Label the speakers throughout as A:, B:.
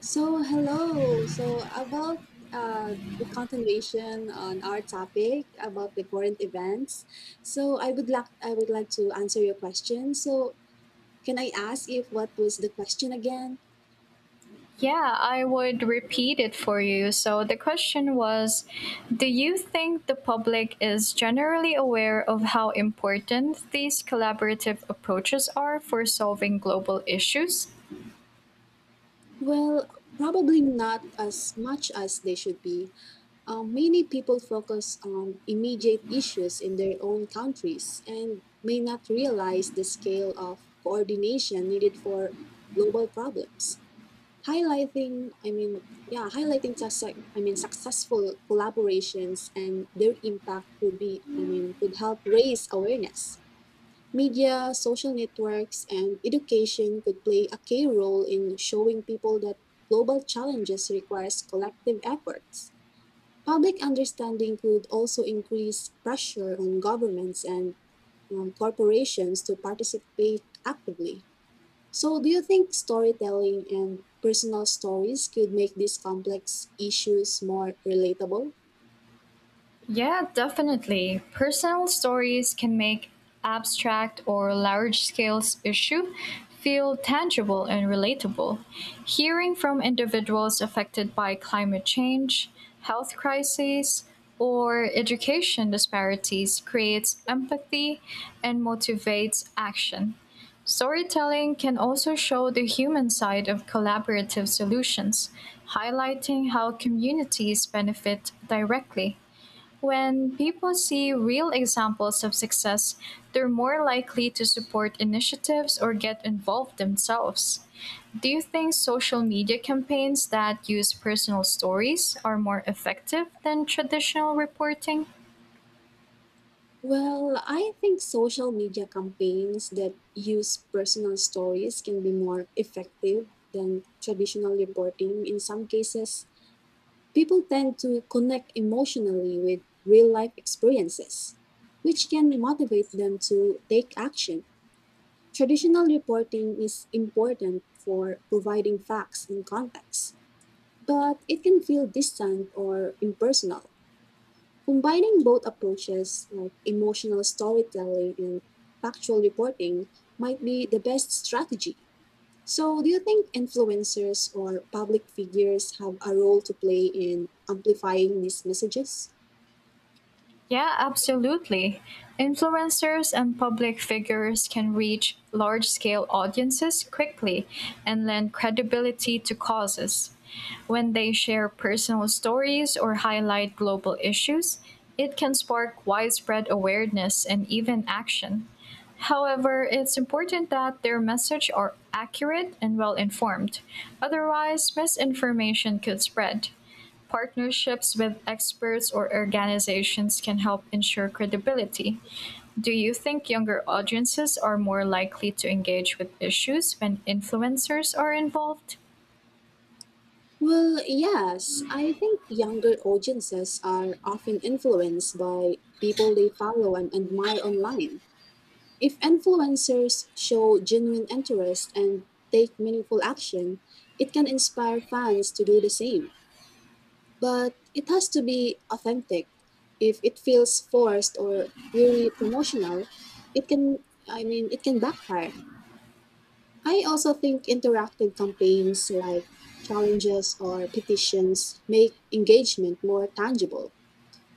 A: So, hello. So, about the continuation on our topic about the current events. So, I would like to answer your question. So, can I ask if what was the question again?
B: Yeah, I would repeat it for you. So the question was, do you think the public is generally aware of how important these collaborative approaches are for solving global issues?
A: Well, probably not as much as they should be. Many people focus on immediate issues in their own countries and may not realize the scale of coordination needed for global problems. Highlighting, I mean, yeah, Highlighting successful collaborations and their impact could be, I mean, could help raise awareness. Media, social networks, and education could play a key role in showing people that global challenges requires collective efforts. Public understanding could also increase pressure on governments and corporations to participate actively. So, do you think storytelling and personal stories could make these complex issues more relatable?
B: Yeah, definitely. Personal stories can make abstract or large scale issue feel tangible and relatable. Hearing from individuals affected by climate change, health crises, or education disparities creates empathy and motivates action. Storytelling can also show the human side of collaborative solutions, highlighting how communities benefit directly. When people see real examples of success, they're more likely to support initiatives or get involved themselves. Do you think social media campaigns that use personal stories are more effective than traditional reporting?
A: Well, I think social media campaigns that use personal stories can be more effective than traditional reporting in some cases. People tend to connect emotionally with real life experiences, which can motivate them to take action. Traditional reporting is important for providing facts and context, but it can feel distant or impersonal. Combining both approaches, like emotional storytelling and factual reporting, might be the best strategy. So, do you think influencers or public figures have a role to play in amplifying these messages?
B: Yeah, absolutely. Influencers and public figures can reach large scale audiences quickly and lend credibility to causes. When they share personal stories or highlight global issues, it can spark widespread awareness and even action. However, it's important that their message are accurate and well informed. Otherwise, misinformation could spread. Partnerships with experts or organizations can help ensure credibility. Do you think younger audiences are more likely to engage with issues when influencers are involved?
A: Well, yes, I think younger audiences are often influenced by people they follow and admire online. If influencers show genuine interest and take meaningful action, it can inspire fans to do the same. But it has to be authentic. If it feels forced or purely promotional, it can, it can backfire. I also think interactive campaigns like challenges or petitions make engagement more tangible.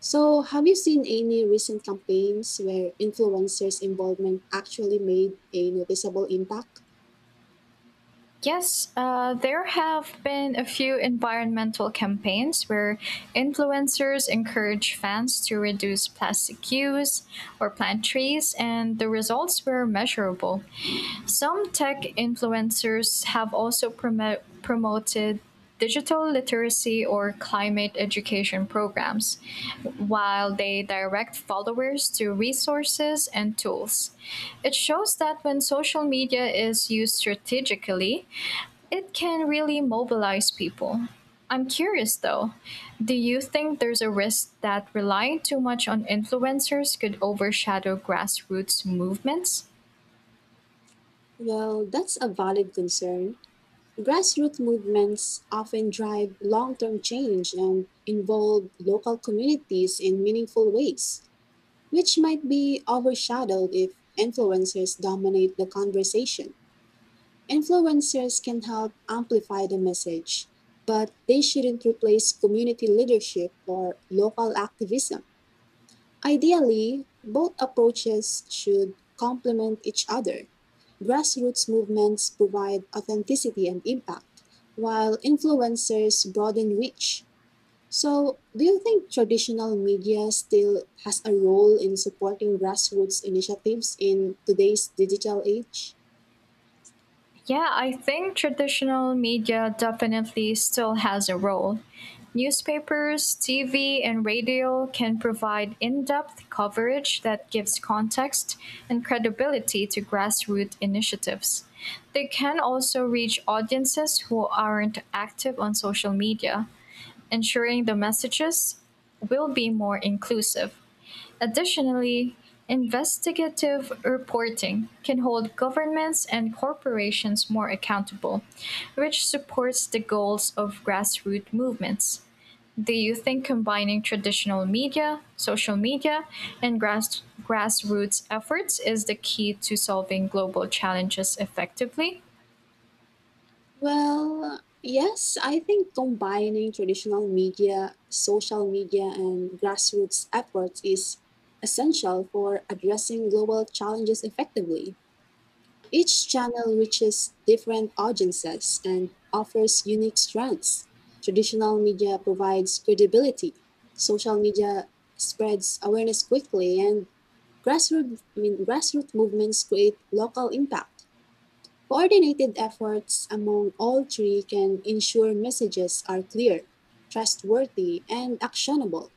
A: So, have you seen any recent campaigns where influencers' involvement actually made a noticeable impact?
B: Yes, there have been a few environmental campaigns where influencers encourage fans to reduce plastic use or plant trees, and the results were measurable. Some tech influencers have also promoted digital literacy or climate education programs, while they direct followers to resources and tools. It shows that when social media is used strategically, it can really mobilize people. I'm curious though, do you think there's a risk that relying too much on influencers could overshadow grassroots movements?
A: Well, that's a valid concern. Grassroots movements often drive long term change and involve local communities in meaningful ways, which might be overshadowed if influencers dominate the conversation. Influencers can help amplify the message, but they shouldn't replace community leadership or local activism. Ideally, both approaches should complement each other. Grassroots movements provide authenticity and impact, while influencers broaden reach. So, do you think traditional media still has a role in supporting grassroots initiatives in today's digital age?
B: Yeah, I think traditional media definitely still has a role. Newspapers, TV, and radio can provide in depth coverage that gives context and credibility to grassroots initiatives. They can also reach audiences who aren't active on social media, ensuring the messages will be more inclusive. Additionally, investigative reporting can hold governments and corporations more accountable, which supports the goals of grassroots movements. Do you think combining traditional media, social media, and grassroots efforts is the key to solving global challenges effectively?
A: Well, yes, I think combining traditional media, social media, and grassroots efforts is essential for addressing global challenges effectively. Each channel reaches different audiences and offers unique strengths. Traditional media provides credibility, social media spreads awareness quickly, and grassroots movements create local impact. Coordinated efforts among all three can ensure messages are clear, trustworthy, and actionable.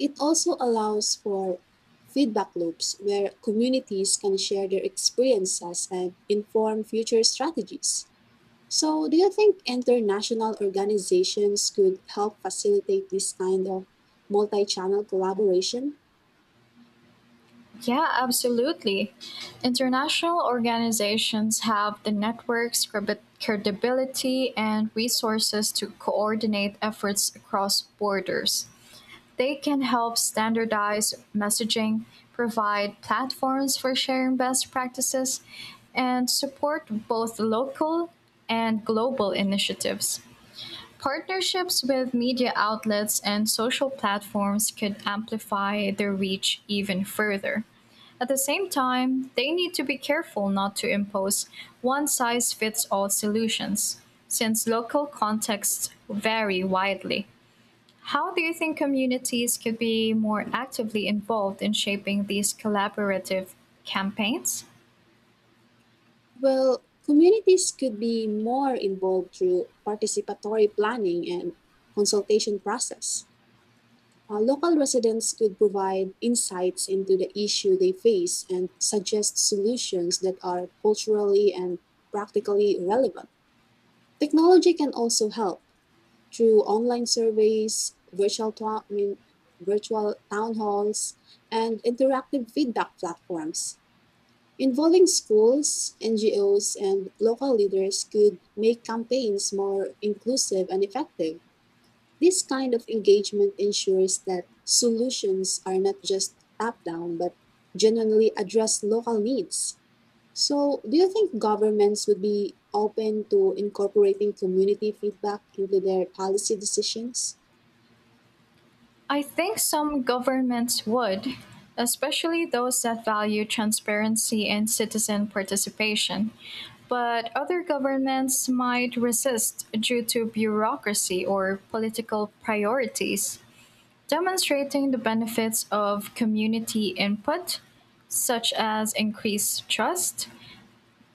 A: It also allows for feedback loops where communities can share their experiences and inform future strategies. So, do you think international organizations could help facilitate this kind of multi channel collaboration?
B: Yeah, absolutely. International organizations have the networks, credibility, and resources to coordinate efforts across borders. They can help standardize messaging, provide platforms for sharing best practices, and support both local and global initiatives. Partnerships with media outlets and social platforms could amplify their reach even further. At the same time, they need to be careful not to impose one size fits all solutions, since local contexts vary widely. How do you think communities could be more actively involved in shaping these collaborative campaigns?
A: Well, communities could be more involved through participatory planning and consultation process. Local residents could provide insights into the issue they face and suggest solutions that are culturally and practically relevant. Technology can also help through online surveys, virtual, to- I mean, virtual town halls, and interactive feedback platforms. Involving schools, NGOs, and local leaders could make campaigns more inclusive and effective. This kind of engagement ensures that solutions are not just top down but genuinely address local needs. So, do you think governments would be open to incorporating community feedback into their policy decisions?
B: I think some governments would, especially those that value transparency and citizen participation. But other governments might resist due to bureaucracy or political priorities. Demonstrating the benefits of community input, such as increased trust,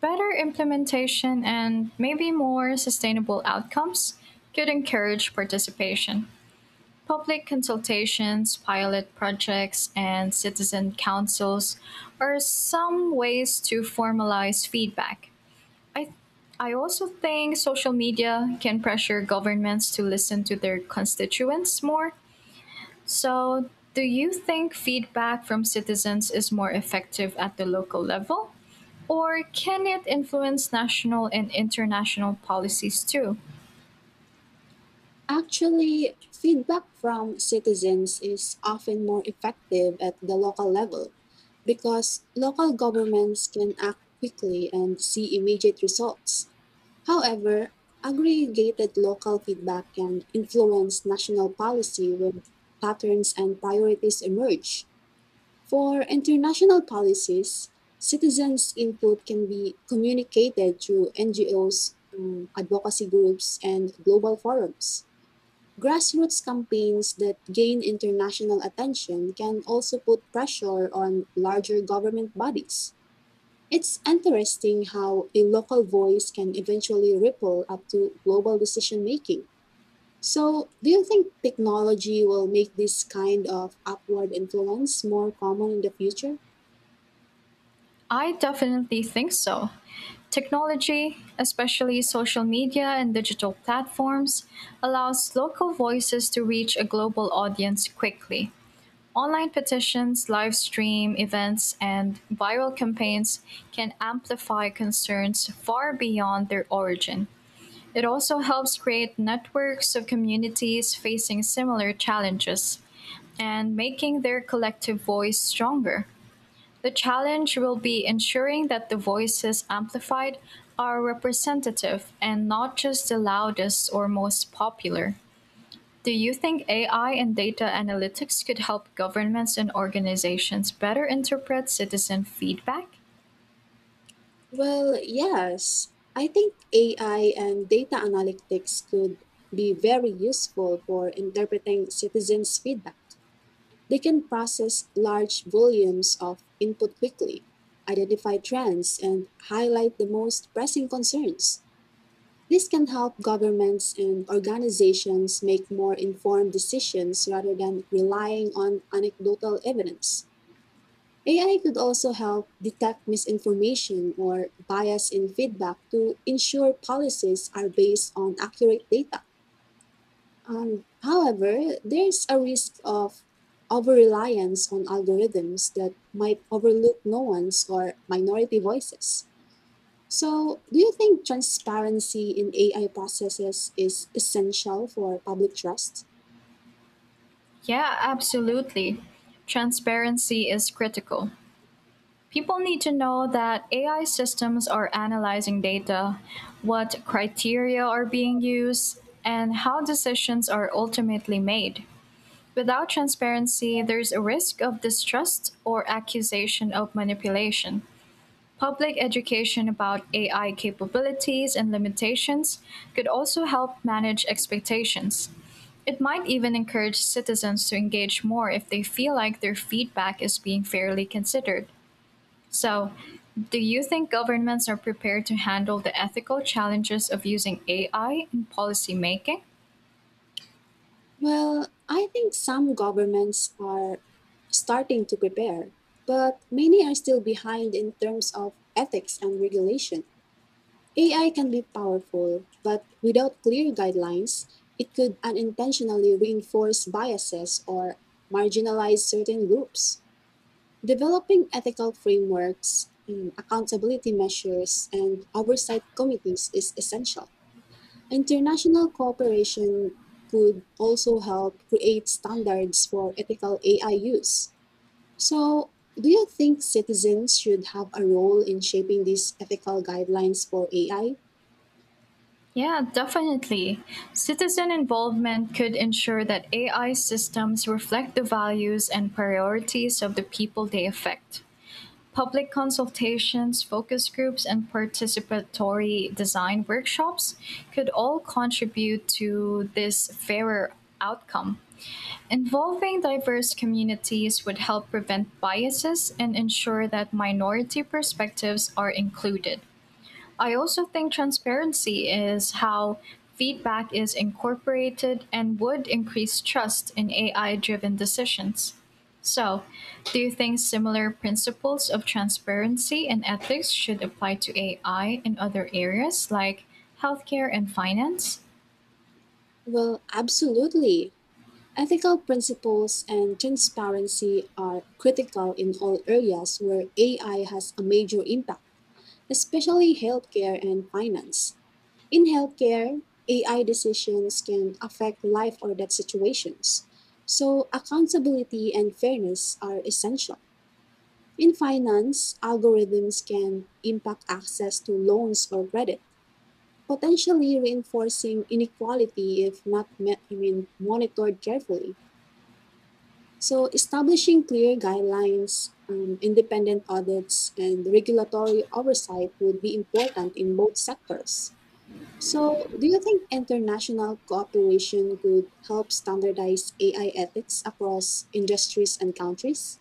B: better implementation, and maybe more sustainable outcomes, could encourage participation. Public consultations, pilot projects, and citizen councils are some ways to formalize feedback. I, I also think social media can pressure governments to listen to their constituents more. So, do you think feedback from citizens is more effective at the local level? Or can it influence national and international policies too?
A: Actually, feedback from citizens is often more effective at the local level because local governments can act quickly and see immediate results. However, aggregated local feedback can influence national policy when patterns and priorities emerge. For international policies, citizens' input can be communicated through NGOs, advocacy groups, and global forums. Grassroots campaigns that gain international attention can also put pressure on larger government bodies. It's interesting how a local voice can eventually ripple up to global decision making. So, do you think technology will make this kind of upward influence more common in the future?
B: I definitely think so. Technology, especially social media and digital platforms, allows local voices to reach a global audience quickly. Online petitions, live stream events, and viral campaigns can amplify concerns far beyond their origin. It also helps create networks of communities facing similar challenges and making their collective voice stronger. The challenge will be ensuring that the voices amplified are representative and not just the loudest or most popular. Do you think AI and data analytics could help governments and organizations better interpret citizen feedback?
A: Well, yes. I think AI and data analytics could be very useful for interpreting citizens' feedback. They can process large volumes of input quickly, identify trends, and highlight the most pressing concerns. This can help governments and organizations make more informed decisions rather than relying on anecdotal evidence. AI could also help detect misinformation or bias in feedback to ensure policies are based on accurate data. However, there's a risk of over reliance on algorithms that might overlook nuance or minority voices. So, do you think transparency in AI processes is essential for public trust?
B: Yeah, absolutely. Transparency is critical. People need to know that AI systems are analyzing data, what criteria are being used, and how decisions are ultimately made. Without transparency, there is a risk of distrust or accusation of manipulation. Public education about AI capabilities and limitations could also help manage expectations. It might even encourage citizens to engage more if they feel like their feedback is being fairly considered. So, do you think governments are prepared to handle the ethical challenges of using AI in policymaking?
A: Well, I think some governments are starting to prepare, but many are still behind in terms of ethics and regulation. AI can be powerful, but without clear guidelines, it could unintentionally reinforce biases or marginalize certain groups. Developing ethical frameworks, accountability measures, and oversight committees is essential. International cooperation could also help create standards for ethical AI use. So, do you think citizens should have a role in shaping these ethical guidelines for AI?
B: Yeah, definitely. Citizen involvement could ensure that AI systems reflect the values and priorities of the people they affect. Public consultations, focus groups, and participatory design workshops could all contribute to this fairer outcome. Involving diverse communities would help prevent biases and ensure that minority perspectives are included. I also think transparency is how feedback is incorporated and would increase trust in AI driven decisions. So, do you think similar principles of transparency and ethics should apply to AI in other areas like healthcare and finance?
A: Well, absolutely. Ethical principles and transparency are critical in all areas where AI has a major impact, especially healthcare and finance. In healthcare, AI decisions can affect life or death situations, so accountability and fairness are essential. In finance, algorithms can impact access to loans or credit potentially reinforcing inequality if not met, I mean, monitored carefully. So, establishing clear guidelines, independent audits, and regulatory oversight would be important in both sectors. So, do you think international cooperation could help standardize AI ethics across industries and countries?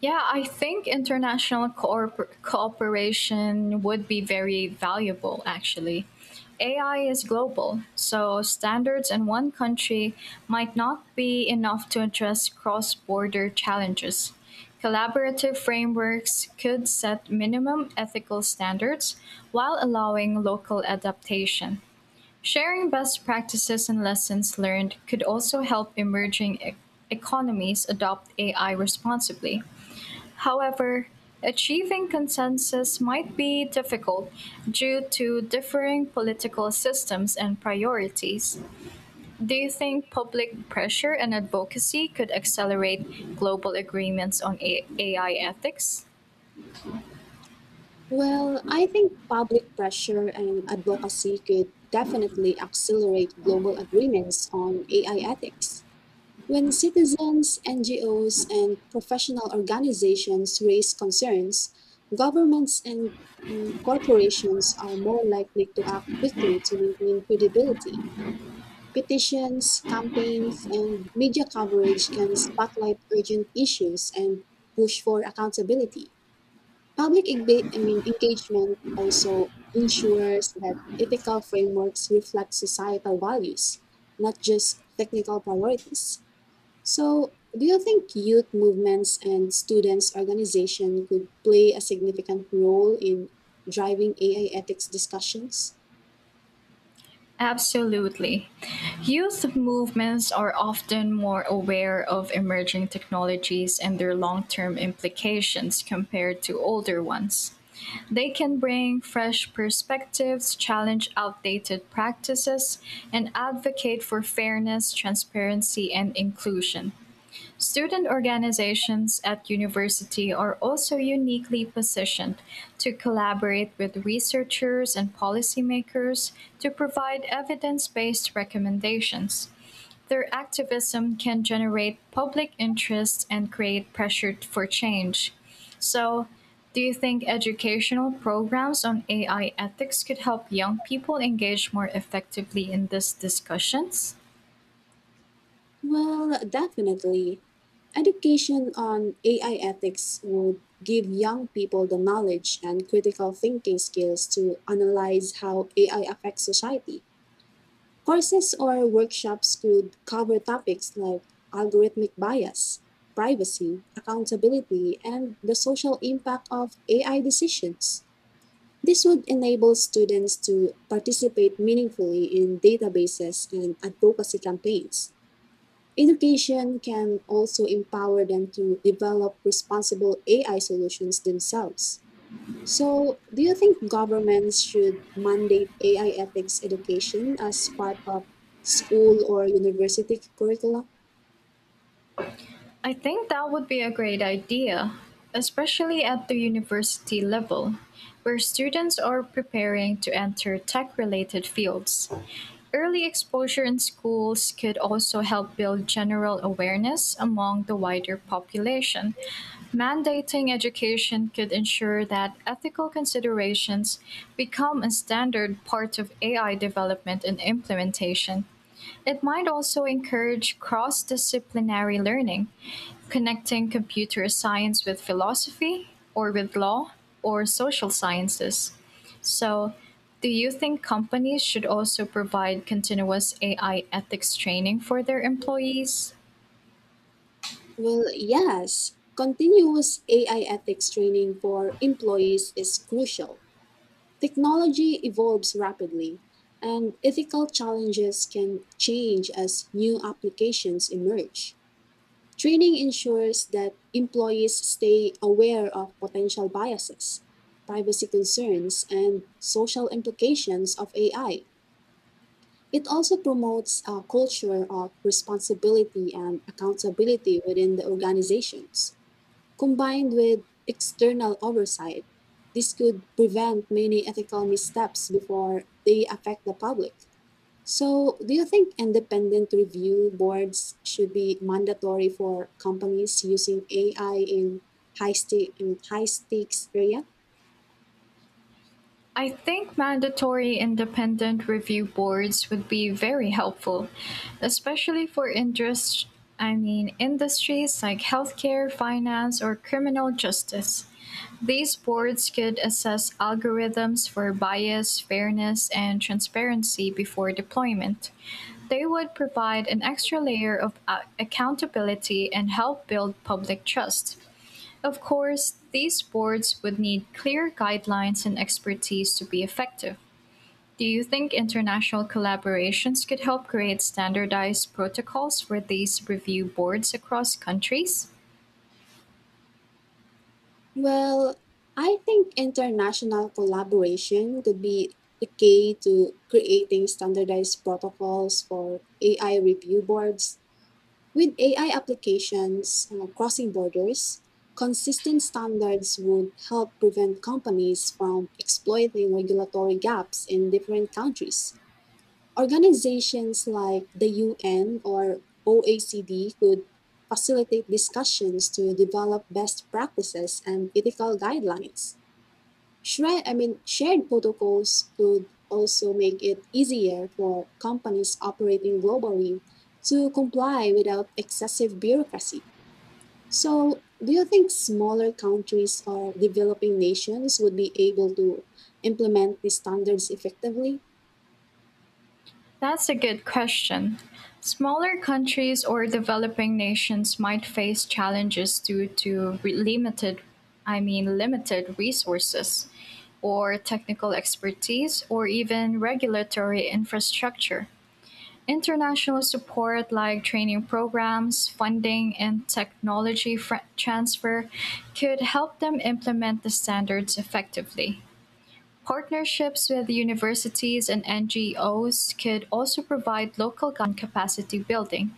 B: Yeah, I think international cooperation would be very valuable, actually. AI is global, so standards in one country might not be enough to address cross border challenges. Collaborative frameworks could set minimum ethical standards while allowing local adaptation. Sharing best practices and lessons learned could also help emerging economies adopt AI responsibly. However, achieving consensus might be difficult due to differing political systems and priorities. Do you think public pressure and advocacy could accelerate global agreements on AI ethics?
A: Well, I think public pressure and advocacy could definitely accelerate global agreements on AI ethics. When citizens, NGOs, and professional organizations raise concerns, governments and corporations are more likely to act quickly to maintain credibility. Petitions, campaigns, and media coverage can spotlight urgent issues and push for accountability. Public engagement also ensures that ethical frameworks reflect societal values, not just technical priorities. So, do you think youth movements and students' organization could play a significant role in driving AI ethics discussions?
B: Absolutely. Youth movements are often more aware of emerging technologies and their long term implications compared to older ones. They can bring fresh perspectives, challenge outdated practices, and advocate for fairness, transparency, and inclusion. Student organizations at university are also uniquely positioned to collaborate with researchers and policymakers to provide evidence-based recommendations. Their activism can generate public interest and create pressure for change. So, do you think educational programs on AI ethics could help young people engage more effectively in these discussions?
A: Well, definitely. Education on AI ethics would give young people the knowledge and critical thinking skills to analyze how AI affects society. Courses or workshops could cover topics like algorithmic bias, privacy, accountability, and the social impact of AI decisions. This would enable students to participate meaningfully in databases and advocacy campaigns. Education can also empower them to develop responsible AI solutions themselves. So, do you think governments should mandate AI ethics education as part of school or university curricula?
B: I think that would be a great idea, especially at the university level, where students are preparing to enter tech related fields. Early exposure in schools could also help build general awareness among the wider population. Mandating education could ensure that ethical considerations become a standard part of AI development and implementation. It might also encourage cross disciplinary learning, connecting computer science with philosophy or with law or social sciences. So, do you think companies should also provide continuous AI ethics training for their employees?
A: Well, yes. Continuous AI ethics training for employees is crucial. Technology evolves rapidly, and ethical challenges can change as new applications emerge. Training ensures that employees stay aware of potential biases, privacy concerns, and social implications of AI. It also promotes a culture of responsibility and accountability within the organizations. Combined with external oversight, this could prevent many ethical missteps before they affect the public. So, do you think independent review boards should be mandatory for companies using AI in high stakes area?
B: I think mandatory independent review boards would be very helpful, especially for interest I mean industries like healthcare, finance, or criminal justice. These boards could assess algorithms for bias, fairness, and transparency before deployment. They would provide an extra layer of accountability and help build public trust. Of course, these boards would need clear guidelines and expertise to be effective. Do you think international collaborations could help create standardized protocols for these review boards across countries?
A: Well, I think international collaboration could be the key to creating standardized protocols for AI review boards. With AI applications crossing borders, consistent standards would help prevent companies from exploiting regulatory gaps in different countries. Organizations like the UN or OECD could facilitate discussions to develop best practices and ethical guidelines. Shared protocols would also make it easier for companies operating globally to comply without excessive bureaucracy. So, do you think smaller countries or developing nations would be able to implement these standards effectively?
B: That's a good question. Smaller countries or developing nations might face challenges due to limited resources or technical expertise or even regulatory infrastructure. International support like training programs, funding, and technology transfer could help them implement the standards effectively. Partnerships with universities and NGOs could also provide local gun capacity building.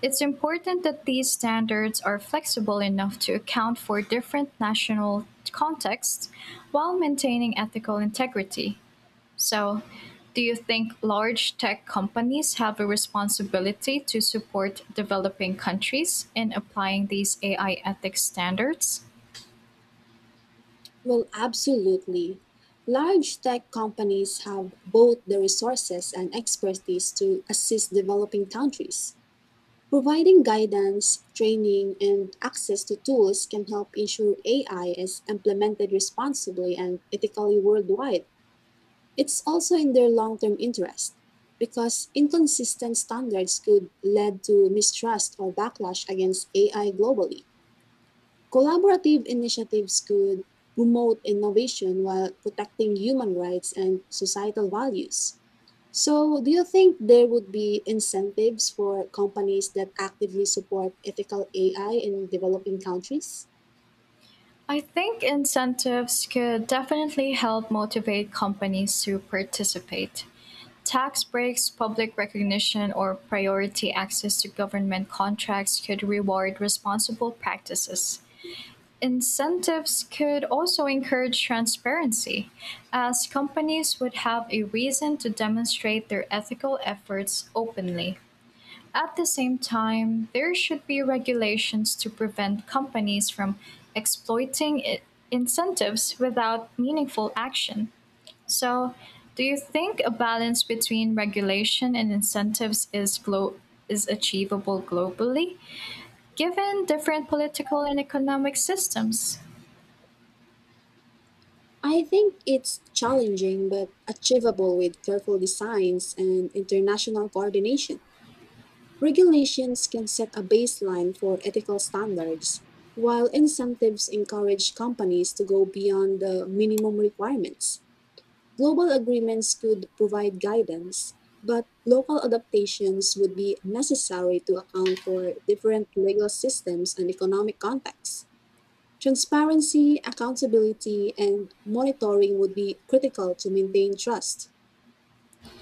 B: It's important that these standards are flexible enough to account for different national contexts while maintaining ethical integrity. So, do you think large tech companies have a responsibility to support developing countries in applying these AI ethics standards?
A: Well, absolutely. Large tech companies have both the resources and expertise to assist developing countries. Providing guidance, training, and access to tools can help ensure AI is implemented responsibly and ethically worldwide. It's also in their long term interest because inconsistent standards could lead to mistrust or backlash against AI globally. Collaborative initiatives could promote innovation while protecting human rights and societal values. So, do you think there would be incentives for companies that actively support ethical AI in developing countries?
B: I think incentives could definitely help motivate companies to participate. Tax breaks, public recognition, or priority access to government contracts could reward responsible practices. Incentives could also encourage transparency, as companies would have a reason to demonstrate their ethical efforts openly. At the same time, there should be regulations to prevent companies from exploiting incentives without meaningful action. So, do you think a balance between regulation and incentives is is achievable globally, given different political and economic systems?
A: I think it's challenging but achievable with careful designs and international coordination. Regulations can set a baseline for ethical standards, while incentives encourage companies to go beyond the minimum requirements. Global agreements could provide guidance, but local adaptations would be necessary to account for different legal systems and economic contexts. Transparency, accountability, and monitoring would be critical to maintain trust.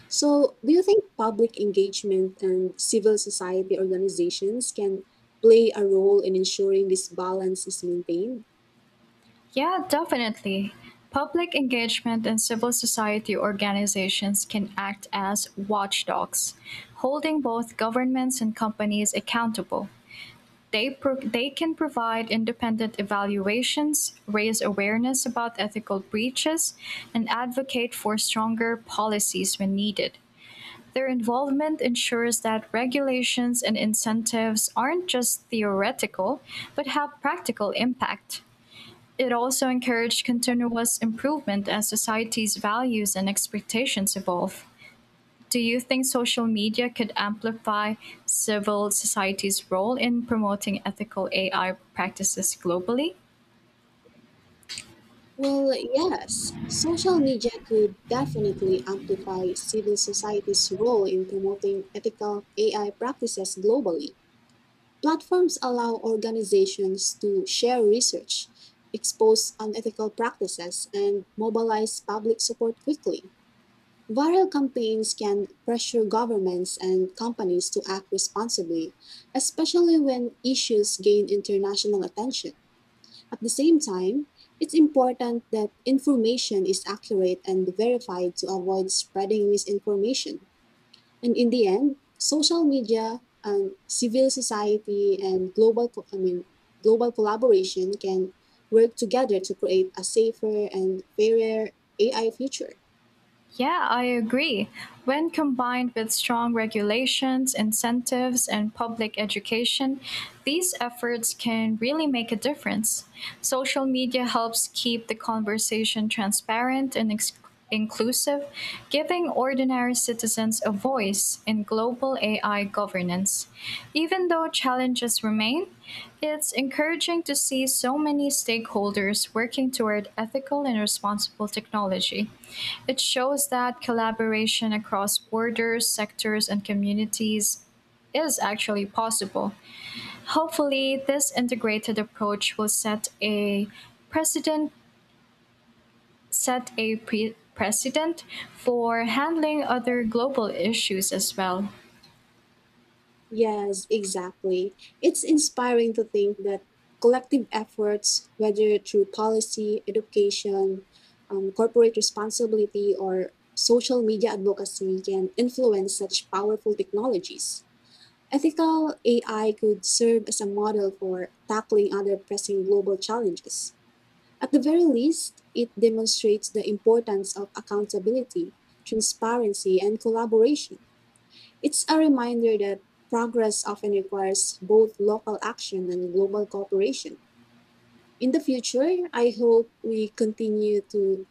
A: So, do you think public engagement and civil society organizations can play a role in ensuring this balance is maintained?
B: Yeah, definitely. Public engagement and civil society organizations can act as watchdogs, holding both governments and companies accountable. They can provide independent evaluations, raise awareness about ethical breaches, and advocate for stronger policies when needed. Their involvement ensures that regulations and incentives aren't just theoretical, but have practical impact. It also encouraged continuous improvement as society's values and expectations evolve. Do you think social media could amplify civil society's role in promoting ethical AI practices globally?
A: Well, yes, social media could definitely amplify civil society's role in promoting ethical AI practices globally. Platforms allow organizations to share research, expose unethical practices, and mobilize public support quickly. Viral campaigns can pressure governments and companies to act responsibly, especially when issues gain international attention. At the same time, it's important that information is accurate and verified to avoid spreading misinformation. And in the end, social media and civil society and global co- I mean global collaboration can work together to create a safer and fairer AI future.
B: Yeah, I agree. When combined with strong regulations, incentives, and public education, these efforts can really make a difference. Social media helps keep the conversation transparent and inclusive, giving ordinary citizens a voice in global AI governance. Even though challenges remain, it's encouraging to see so many stakeholders working toward ethical and responsible technology. It shows that collaboration across borders, sectors, and communities is actually possible. Hopefully, this integrated approach will precedent set a precedent for handling other global issues as well.
A: Yes, exactly. It's inspiring to think that collective efforts, whether through policy, education, corporate responsibility, or social media advocacy, can influence such powerful technologies. Ethical AI could serve as a model for tackling other pressing global challenges. At the very least, it demonstrates the importance of accountability, transparency, and collaboration. It's a reminder that progress often requires both local action and global cooperation. In the future, I hope we continue to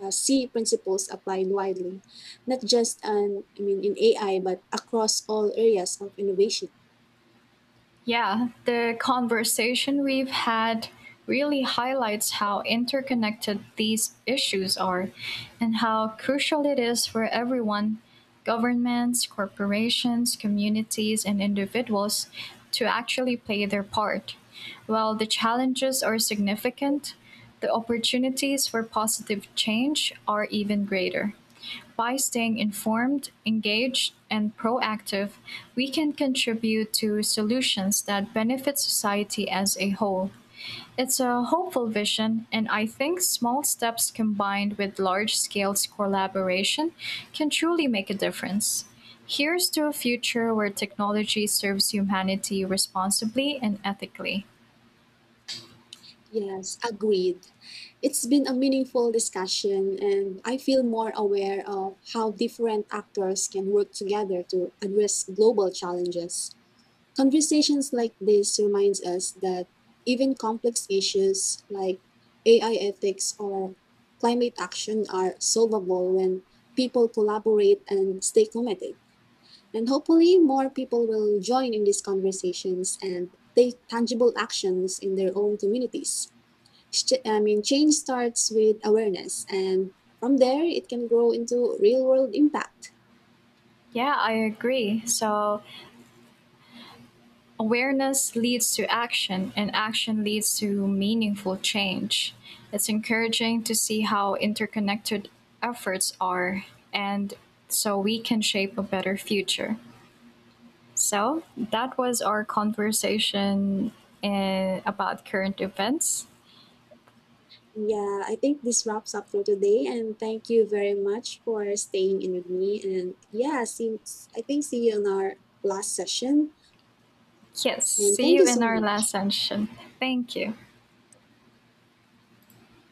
A: see principles applied widely, not just on, I mean, in AI, but across all areas of innovation.
B: Yeah, the conversation we've had really highlights how interconnected these issues are and how crucial it is for everyone governments, corporations, communities, and individuals to actually play their part. While the challenges are significant, the opportunities for positive change are even greater. By staying informed, engaged, and proactive, we can contribute to solutions that benefit society as a whole. It's a hopeful vision, and I think small steps combined with large scale collaboration can truly make a difference. Here's to a future where technology serves humanity responsibly and ethically.
A: Yes, agreed. It's been a meaningful discussion, and I feel more aware of how different actors can work together to address global challenges. Conversations like this reminds us that even complex issues like AI ethics or climate action are solvable when people collaborate and stay committed. And hopefully more people will join in these conversations and take tangible actions in their own communities. Change starts with awareness and from there it can grow into real world impact.
B: Yeah, I agree. So, awareness leads to action, and action leads to meaningful change. It's encouraging to see how interconnected efforts are, and so we can shape a better future. So, that was our conversation in, about current events.
A: Yeah, I think this wraps up for today, and thank you very much for staying in with me. And yeah, see, I think see you in our last session.
B: Yes,
A: And
B: see
A: thank
B: you
A: you
B: in
A: so
B: our last
A: much.
B: session. Thank you.